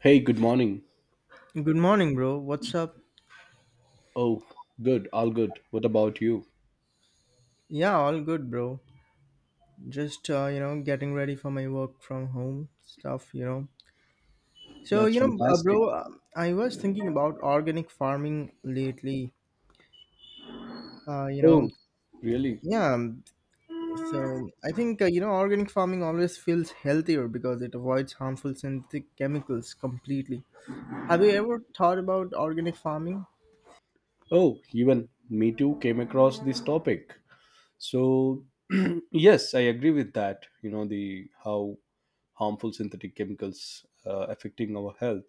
Hey, good morning. Good morning, bro. What's up? Oh, good, all good. What about you? Yeah, all good, bro. Just getting ready for my work from home stuff. So, That's you know, uh, fantastic. bro, uh, I was thinking about organic farming lately. Uh, you know, Oh, really? yeah. So, I think organic farming always feels healthier because it avoids harmful synthetic chemicals completely. Have you ever thought about organic farming? Oh, even me too came across this topic. So, yes, I agree with that. The how harmful synthetic chemicals affecting our health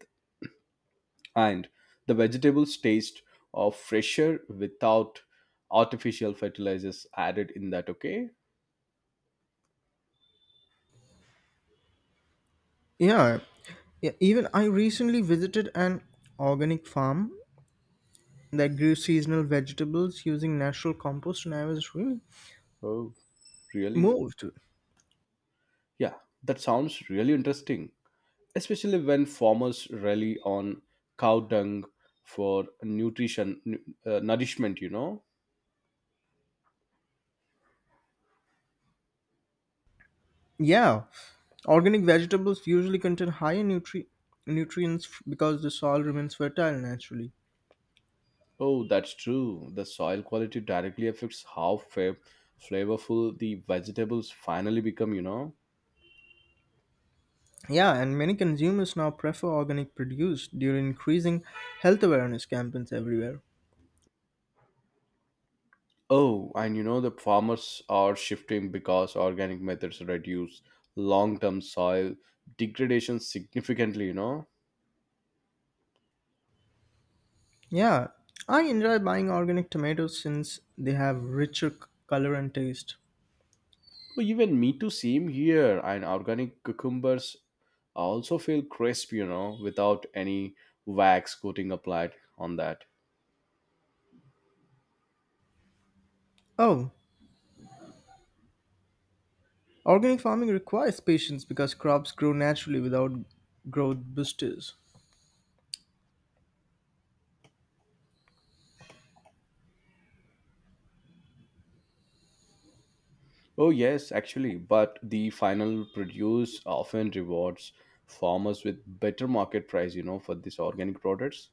and the vegetables taste of fresher without artificial fertilizers added in that, okay? Yeah, yeah. Even I recently visited an organic farm that grew seasonal vegetables using natural compost, and I was really Oh, really? moved. Yeah, that sounds really interesting, especially when farmers rely on cow dung for nourishment, you know Yeah, organic vegetables usually contain higher nutrients because the soil remains fertile naturally. Oh, that's true. The soil quality directly affects how flavorful the vegetables finally become. Yeah, and many consumers now prefer organic produce due to increasing health awareness campaigns everywhere. Oh, and the farmers are shifting because organic methods reduce long-term soil degradation significantly. Yeah, I enjoy buying organic tomatoes since they have richer color and taste. Oh, even me too, same here. And organic cucumbers also feel crisp, without any wax coating applied on that. Oh, organic farming requires patience because crops grow naturally without growth boosters. Oh, yes, actually. But the final produce often rewards farmers with better market price, for these organic products.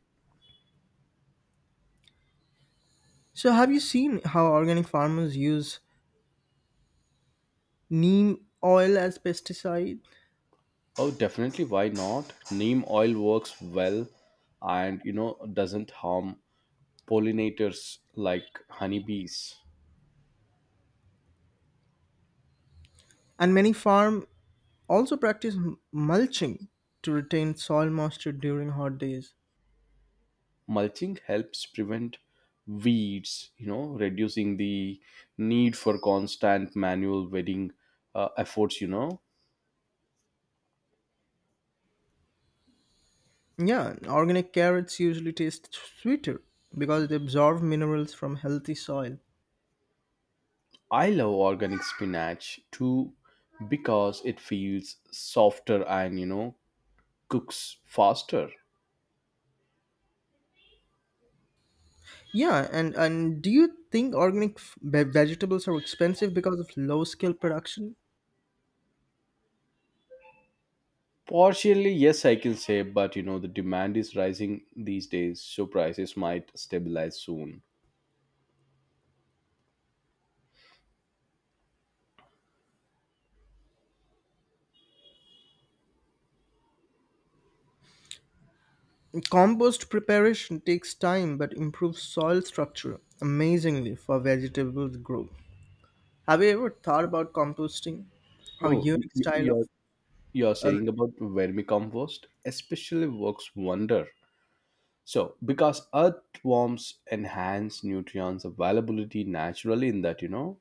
So, have you seen how organic farmers use neem oil as pesticide? Oh, definitely. Why not? Neem oil works well and, doesn't harm pollinators like honeybees. And many farm also practice mulching to retain soil moisture during hot days. Mulching helps prevent weeds, reducing the need for constant manual weeding efforts. Yeah, organic carrots usually taste sweeter because they absorb minerals from healthy soil. I love organic spinach too, because it feels softer and, cooks faster. Yeah, and do you think organic vegetables are expensive because of low scale production? Partially yes, I can say, but the demand is rising these days, so prices might stabilize soon. Compost preparation takes time but improves soil structure amazingly for vegetable growth. Have you ever thought about composting? How oh y- unique y- style you're of you're um, saying about vermicompost especially works wonder. So, because earthworms enhance nutrients availability naturally in that,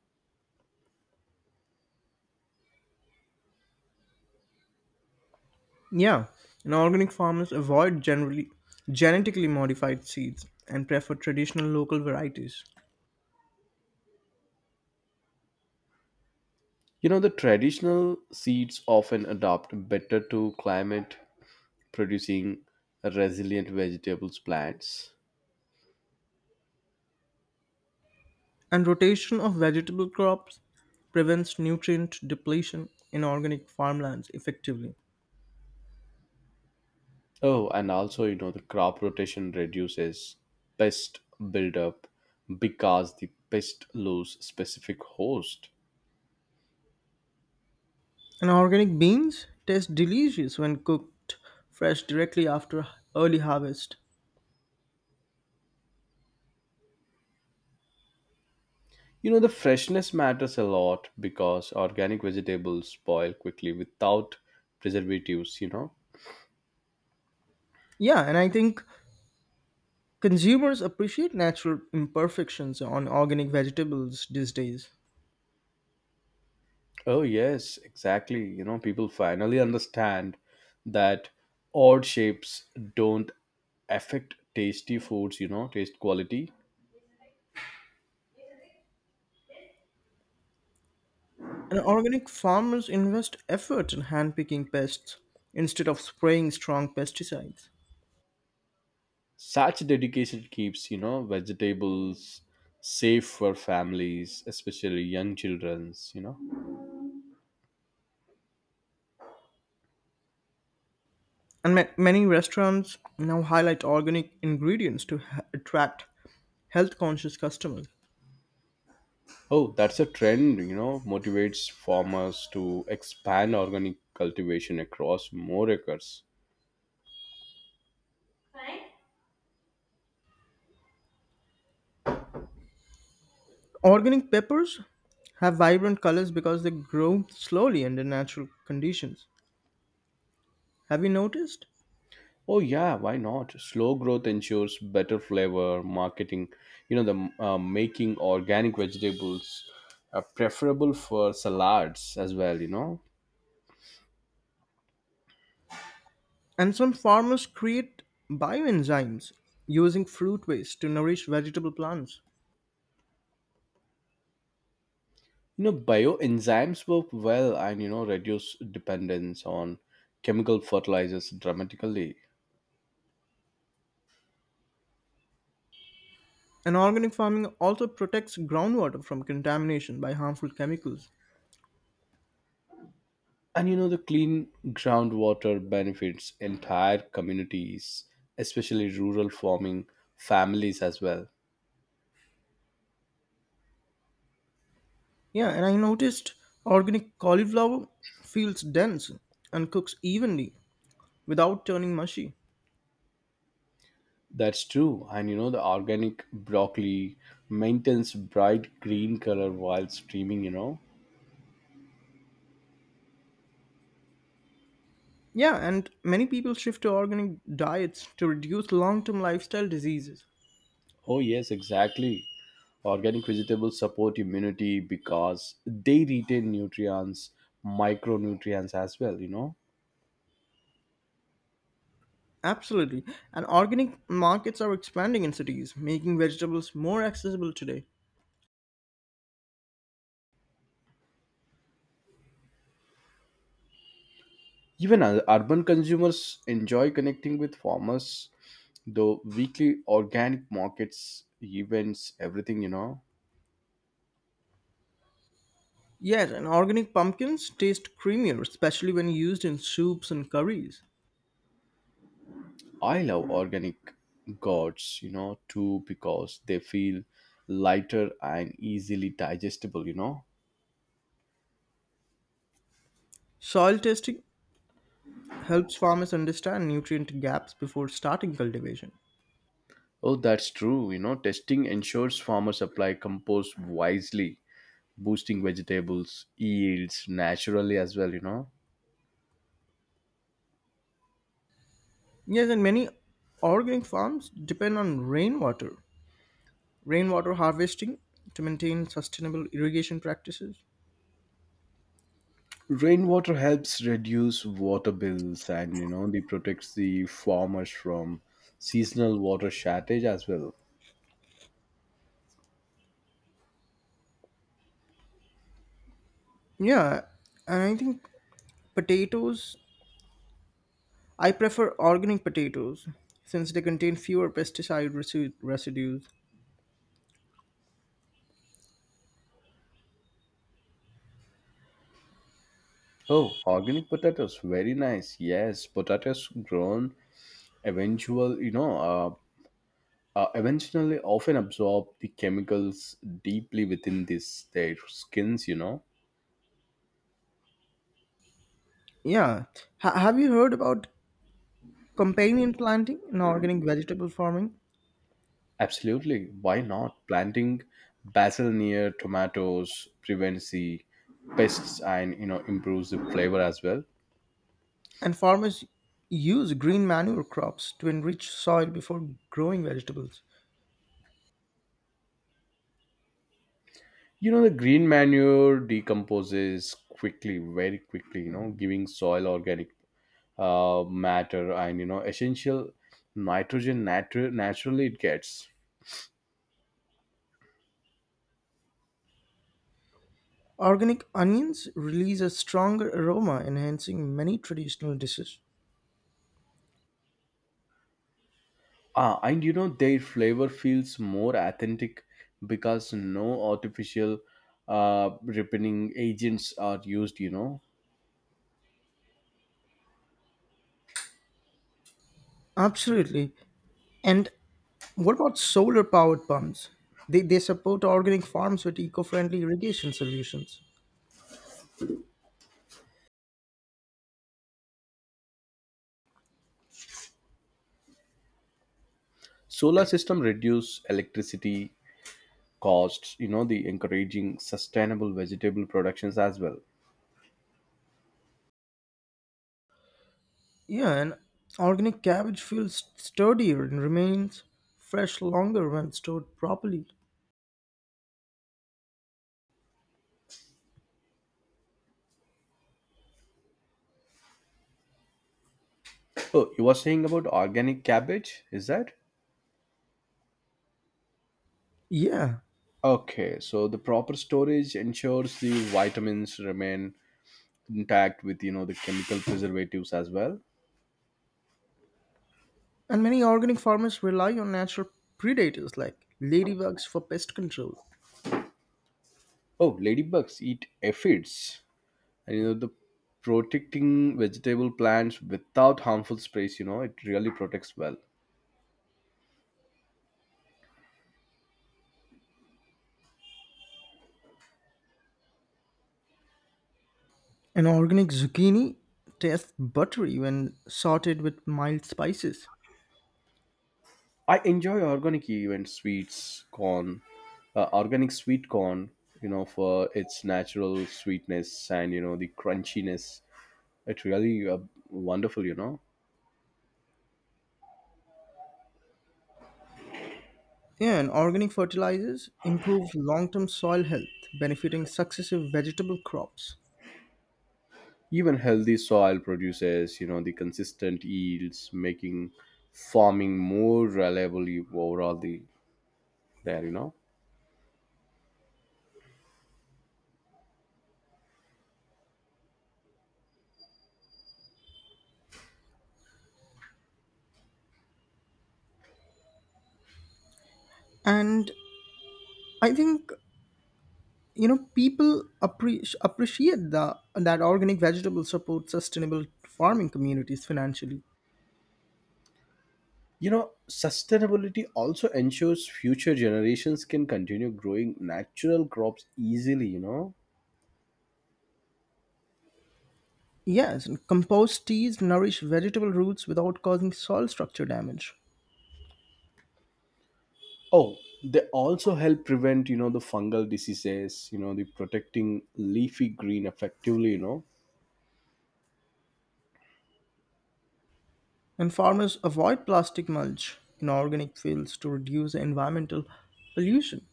yeah, and organic farmers avoid generally genetically modified seeds and prefer traditional local varieties. The traditional seeds often adapt better to climate, producing resilient vegetables plants. And rotation of vegetable crops prevents nutrient depletion in organic farmlands effectively. Oh, and also the crop rotation reduces pest buildup because the pest lose specific host. And organic beans taste delicious when cooked fresh directly after early harvest. The freshness matters a lot because organic vegetables spoil quickly without preservatives. Yeah, and I think consumers appreciate natural imperfections on organic vegetables these days. Oh, yes, exactly. You know, people finally understand that odd shapes don't affect tasty foods, taste quality. And organic farmers invest effort in handpicking pests instead of spraying strong pesticides. Such dedication keeps, vegetables safe for families, especially young children's. And many restaurants now highlight organic ingredients to attract health conscious customers. Oh, that's a trend, motivates farmers to expand organic cultivation across more acres. Organic peppers have vibrant colors because they grow slowly under natural conditions. Have you noticed? Oh yeah, why not? Slow growth ensures better flavor marketing. You know the making organic vegetables are preferable for salads as well. And some farmers create bioenzymes using fruit waste to nourish vegetable plants. Bioenzymes work well and reduce dependence on chemical fertilizers dramatically. And organic farming also protects groundwater from contamination by harmful chemicals. And the clean groundwater benefits entire communities, especially rural farming families as well. Yeah, and I noticed organic cauliflower feels dense and cooks evenly without turning mushy. That's true. And the organic broccoli maintains bright green color while steaming. Yeah, and many people shift to organic diets to reduce long term lifestyle diseases. Oh, yes, exactly. Organic vegetables support immunity because they retain nutrients, micronutrients as well. Absolutely. And organic markets are expanding in cities, making vegetables more accessible today. Even urban consumers enjoy connecting with farmers, though weekly organic markets, events, everything. Yes, and organic pumpkins taste creamier, especially when used in soups and curries. I love organic gourds, too, because they feel lighter and easily digestible. Soil testing helps farmers understand nutrient gaps before starting cultivation. Oh, that's true. You know, testing ensures farmers apply compost wisely, boosting vegetables yields naturally as well. Yes, and many organic farms depend on rainwater harvesting to maintain sustainable irrigation practices. Rainwater helps reduce water bills and, they protects the farmers from seasonal water shortage as well. Yeah, and I think potatoes, I prefer organic potatoes since they contain fewer pesticide residues. Oh, organic potatoes, very nice. Yes, potatoes grown eventual you know uh, eventually often absorb the chemicals deeply within this their skins. Yeah, have you heard about companion planting in organic vegetable farming? Absolutely, why not? Planting basil near tomatoes prevents the pests and improves the flavor as well. And farmers use green manure crops to enrich soil before growing vegetables. The green manure decomposes quickly, very quickly, giving soil organic matter and essential nitrogen naturally it gets. Organic onions release a stronger aroma, enhancing many traditional dishes. Ah, and their flavor feels more authentic because no artificial ripening agents are used. Absolutely. And what about solar powered pumps? They support organic farms with eco friendly irrigation solutions. Solar system reduce electricity costs, the encouraging sustainable vegetable productions as well. Yeah, and organic cabbage feels sturdier and remains fresh longer when stored properly. Oh, you were saying about organic cabbage, is that? Yeah, Okay, so the proper storage ensures the vitamins remain intact with, the chemical preservatives as well. and many organic farmers rely on natural predators like ladybugs for pest control. Oh, ladybugs eat aphids. And, the protecting vegetable plants without harmful sprays, it really protects well. An organic zucchini tastes buttery when sauteed with mild spices. I enjoy organic even sweets, corn, organic sweet corn, for its natural sweetness and, the crunchiness. It's really wonderful, Yeah, and organic fertilizers improve long term soil health, benefiting successive vegetable crops. Even healthy soil produces, the consistent yields, making farming more reliable overall the there. And I think, people appreciate that organic vegetables support sustainable farming communities financially. You know, sustainability also ensures future generations can continue growing natural crops easily. Yes, and compost teas nourish vegetable roots without causing soil structure damage. Oh, they also help prevent, the fungal diseases, the protecting leafy green effectively. And farmers avoid plastic mulch in organic fields to reduce environmental pollution.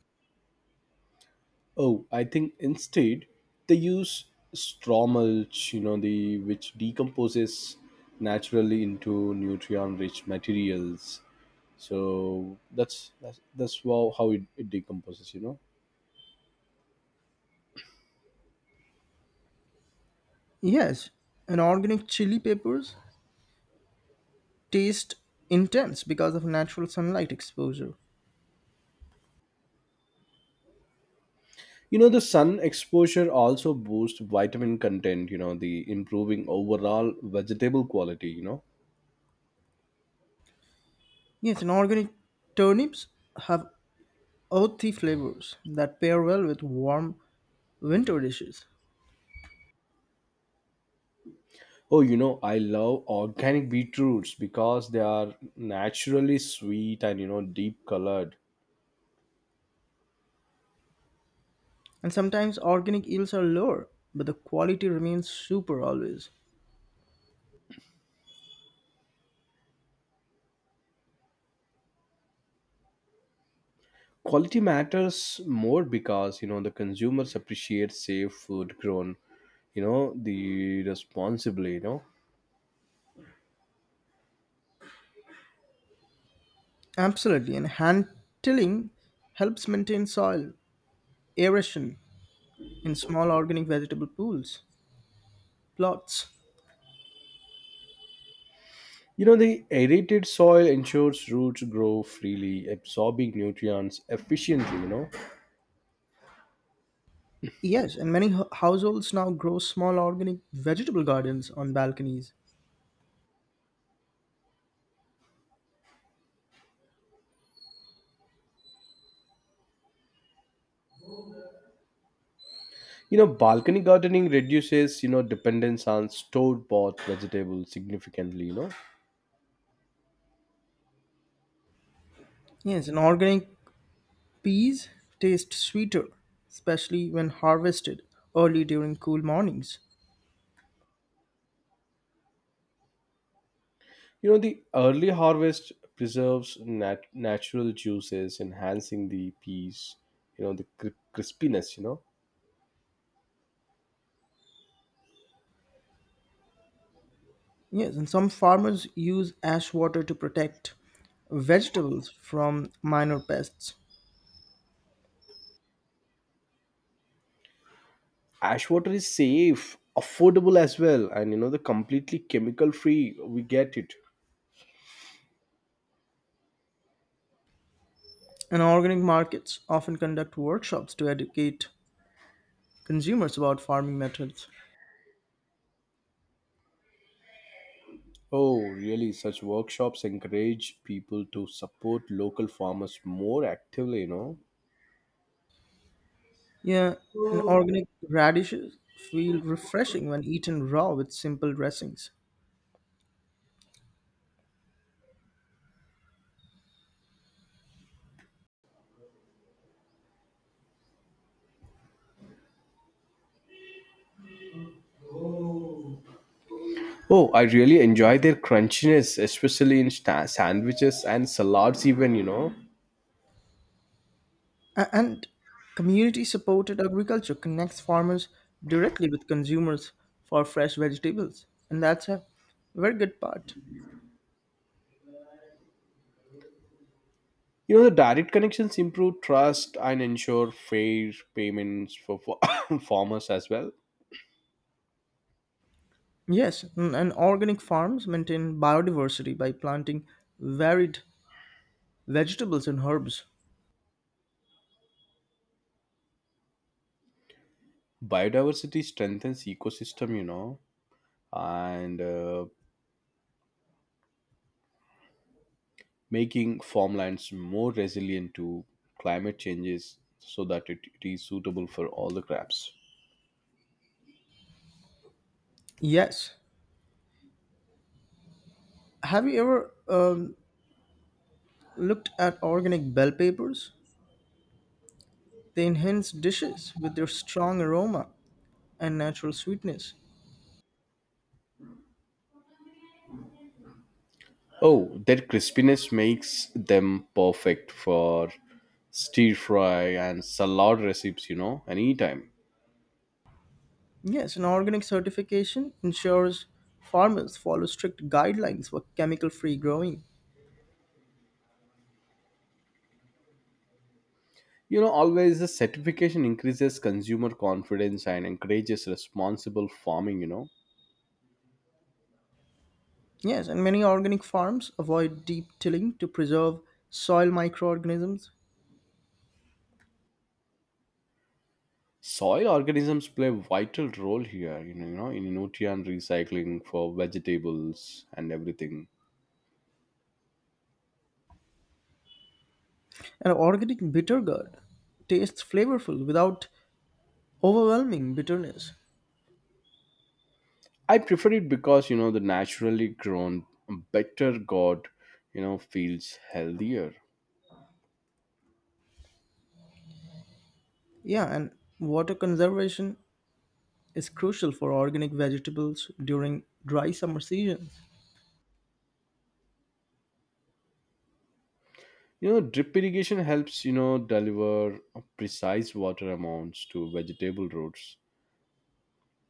Oh, I think instead they use straw mulch, the which decomposes naturally into nutrient rich materials. So that's wow how it, it decomposes, Yes, and organic chili peppers taste intense because of natural sunlight exposure. You know, the sun exposure also boosts vitamin content, the improving overall vegetable quality. Yes, and organic turnips have earthy flavors that pair well with warm winter dishes. Oh, I love organic beetroots because they are naturally sweet and, deep colored. And sometimes organic yields are lower, but the quality remains super always. Quality matters more because, the consumers appreciate safe food grown, the responsibly. Absolutely, and hand tilling helps maintain soil aeration in small organic vegetable plots. You know, the aerated soil ensures roots grow freely, absorbing nutrients efficiently. Yes, and many households now grow small organic vegetable gardens on balconies. You know, balcony gardening reduces, dependence on stored bought vegetables significantly. Yes, and organic peas taste sweeter, especially when harvested early during cool mornings. You know, the early harvest preserves natural juices, enhancing the peas, the crispiness. Yes, and some farmers use ash water to protect vegetables from minor pests. Ash water is safe, affordable as well, and the completely chemical free, we get it. And organic markets often conduct workshops to educate consumers about farming methods. Oh, really? Such workshops encourage people to support local farmers more actively. Yeah, and organic radishes feel refreshing when eaten raw with simple dressings. Oh, I really enjoy their crunchiness, especially in sandwiches and salads. Even And community supported agriculture connects farmers directly with consumers for fresh vegetables. And that's a very good part. The direct connections improve trust and ensure fair payments for farmers as well. Yes, and organic farms maintain biodiversity by planting varied vegetables and herbs. Biodiversity strengthens ecosystem. And making farmlands more resilient to climate changes, so that it is suitable for all the crops. Yes. Have you ever looked at organic bell peppers? They enhance dishes with their strong aroma and natural sweetness. Oh, that crispiness makes them perfect for stir fry and salad recipes, anytime. Yes, an organic certification ensures farmers follow strict guidelines for chemical free growing. You know, always the certification increases consumer confidence and encourages responsible farming. Yes, and many organic farms avoid deep tilling to preserve soil microorganisms. Soil organisms play a vital role here, in nutrient recycling for vegetables and everything. An organic bitter gourd tastes flavorful without overwhelming bitterness. I prefer it because, the naturally grown, better God, feels healthier. Yeah, and water conservation is crucial for organic vegetables during dry summer seasons. You know, drip irrigation helps, deliver precise water amounts to vegetable roots,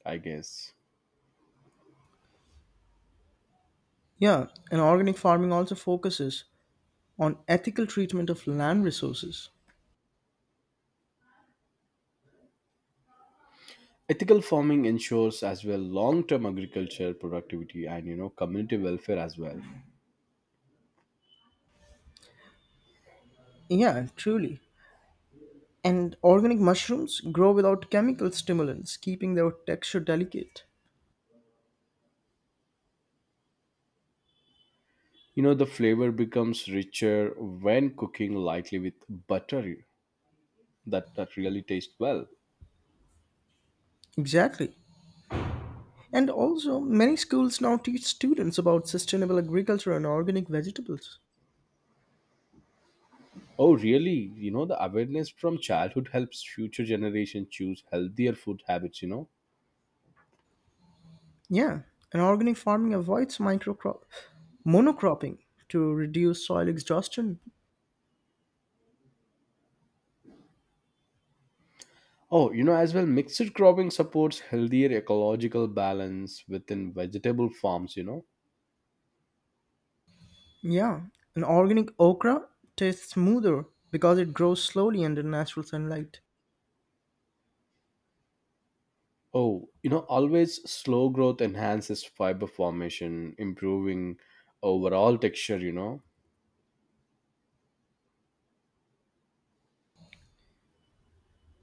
I guess. Yeah, and organic farming also focuses on ethical treatment of land resources. Ethical farming ensures as well long-term agriculture productivity and, community welfare as well. Yeah, truly. And organic mushrooms grow without chemical stimulants, keeping their texture delicate. You know, the flavor becomes richer when cooking lightly with butter that, that really tastes well. Exactly. And also, many schools now teach students about sustainable agriculture and organic vegetables. Oh, really? You know, the awareness from childhood helps future generation choose healthier food habits. Yeah, and organic farming avoids microcrop monocropping to reduce soil exhaustion. Oh, as well, mixed cropping supports healthier ecological balance within vegetable farms. Yeah, an organic okra tastes smoother because it grows slowly under natural sunlight. Oh, always slow growth enhances fiber formation, improving overall texture.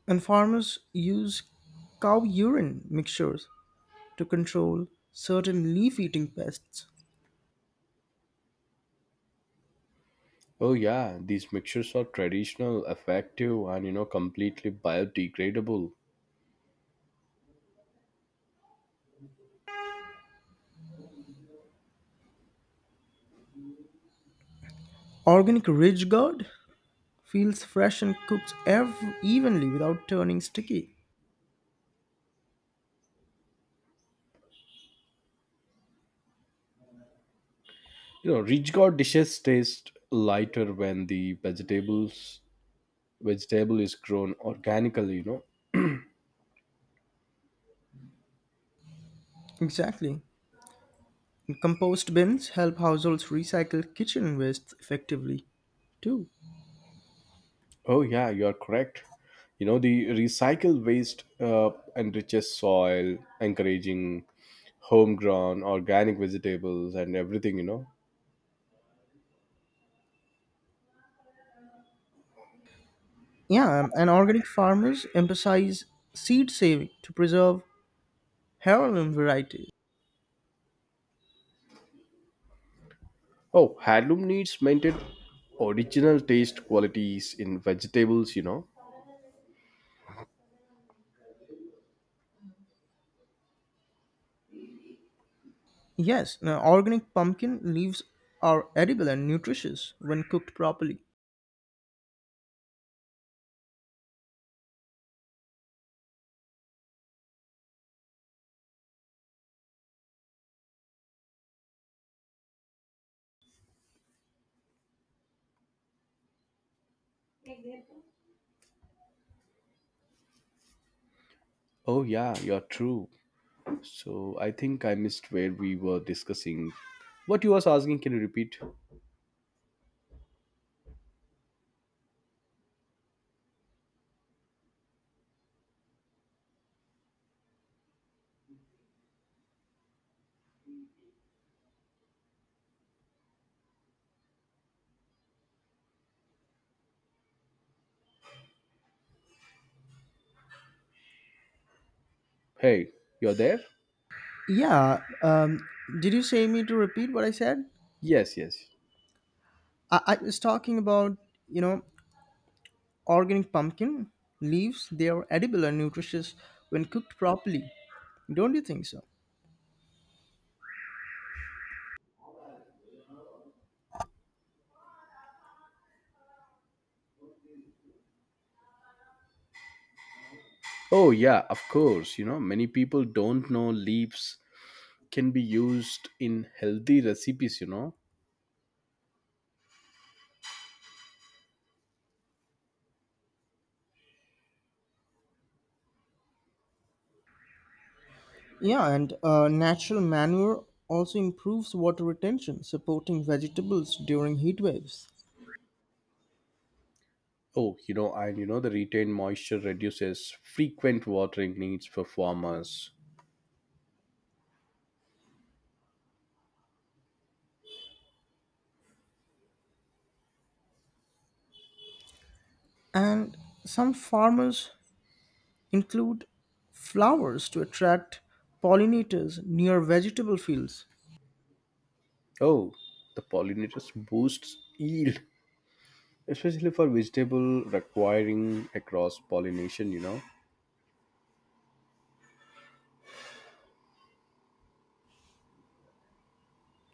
And farmers use cow urine mixtures to control certain leaf eating pests. Oh, yeah, these mixtures are traditional, effective, and, completely biodegradable. Organic Ridge Guard feels fresh and cooks evenly without turning sticky. You know, rich gourd dishes taste lighter when the vegetable is grown organically. Exactly. And compost bins help households recycle kitchen waste effectively, too. Oh, yeah, you are correct. You know, the recycled waste enriches soil, encouraging homegrown organic vegetables and everything. Yeah, and organic farmers emphasize seed saving to preserve heirloom varieties. Oh, heirloom needs maintain original taste qualities in vegetables. Yes, now organic pumpkin leaves are edible and nutritious when cooked properly. Oh, yeah, you're true. So I think I missed where we were discussing. What you was asking, can you repeat? Hey, you're there? Yeah, did you say me to repeat what I said? Yes, yes. I was talking about, you know, organic pumpkin leaves. They are edible and nutritious when cooked properly. Don't you think so? Oh, yeah, of course. You know, many people don't know leaves can be used in healthy recipes. Yeah, and natural manure also improves water retention, supporting vegetables during heat waves. Oh, and the retained moisture reduces frequent watering needs for farmers. And some farmers include flowers to attract pollinators near vegetable fields. Oh, the pollinators boosts yield, especially for vegetable requiring across pollination.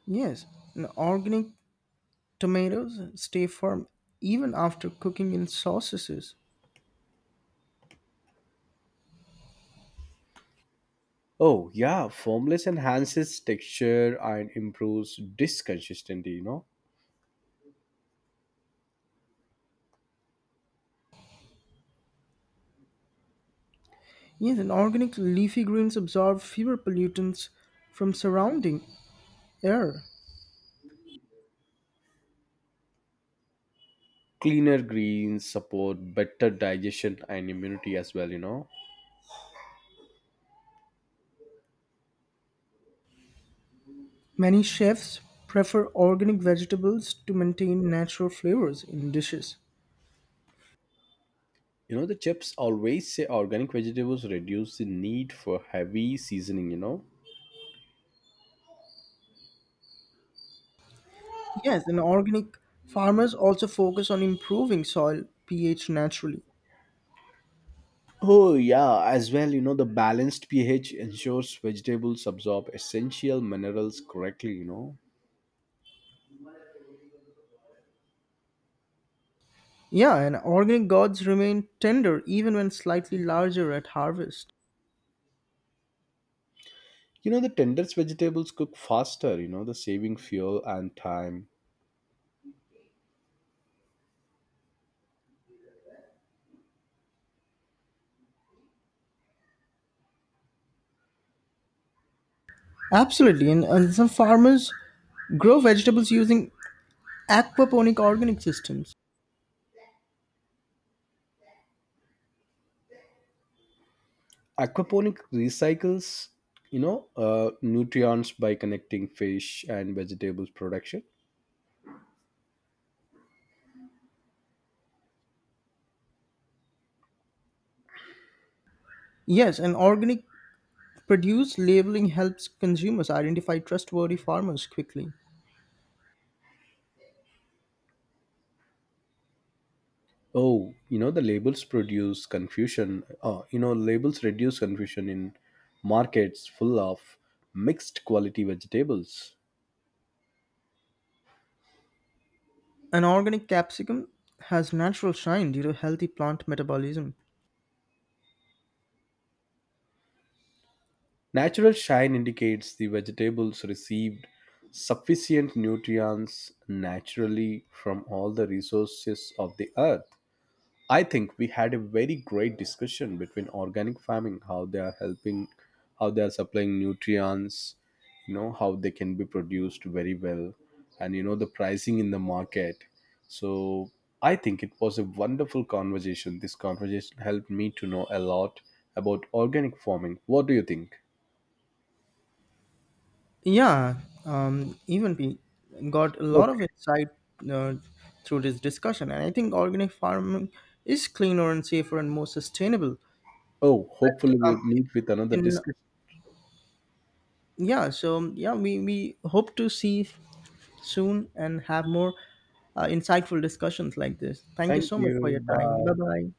Yes, and organic tomatoes stay firm even after cooking in sauces. Oh yeah, formless enhances texture and improves dish consistency. Yes, and organic leafy greens absorb fewer pollutants from surrounding air. Cleaner greens support better digestion and immunity as well. Many chefs prefer organic vegetables to maintain natural flavors in dishes. You know, the chefs always say organic vegetables reduce the need for heavy seasoning. Yes, and organic farmers also focus on improving soil pH naturally. Oh, yeah, as well, the balanced pH ensures vegetables absorb essential minerals correctly. Yeah, and organic gourds remain tender even when slightly larger at harvest. You know, the tenderest vegetables cook faster, the saving fuel and time. Absolutely, and some farmers grow vegetables using aquaponic organic systems. Aquaponic recycles, nutrients by connecting fish and vegetables production. Yes, and organic Produce labeling helps consumers identify trustworthy farmers quickly. Oh, the labels produce confusion. You know, labels reduce confusion in markets full of mixed quality vegetables. An organic capsicum has natural shine due to healthy plant metabolism. Natural shine indicates the vegetables received sufficient nutrients naturally from all the resources of the earth. I think we had a very great discussion between organic farming, how they are helping, how they are supplying nutrients, how they can be produced very well, and the pricing in the market. So I think it was a wonderful conversation. This conversation helped me to know a lot about organic farming. What do you think? Yeah, even we got a lot Okay. of insight uh, through this discussion, and I think organic farming is cleaner and safer and more sustainable. Oh, But hopefully we meet with another in discussion. Yeah, we hope to see soon and have more insightful discussions like this. Thank you Thank so much for you. your time. Bye Bye. bye.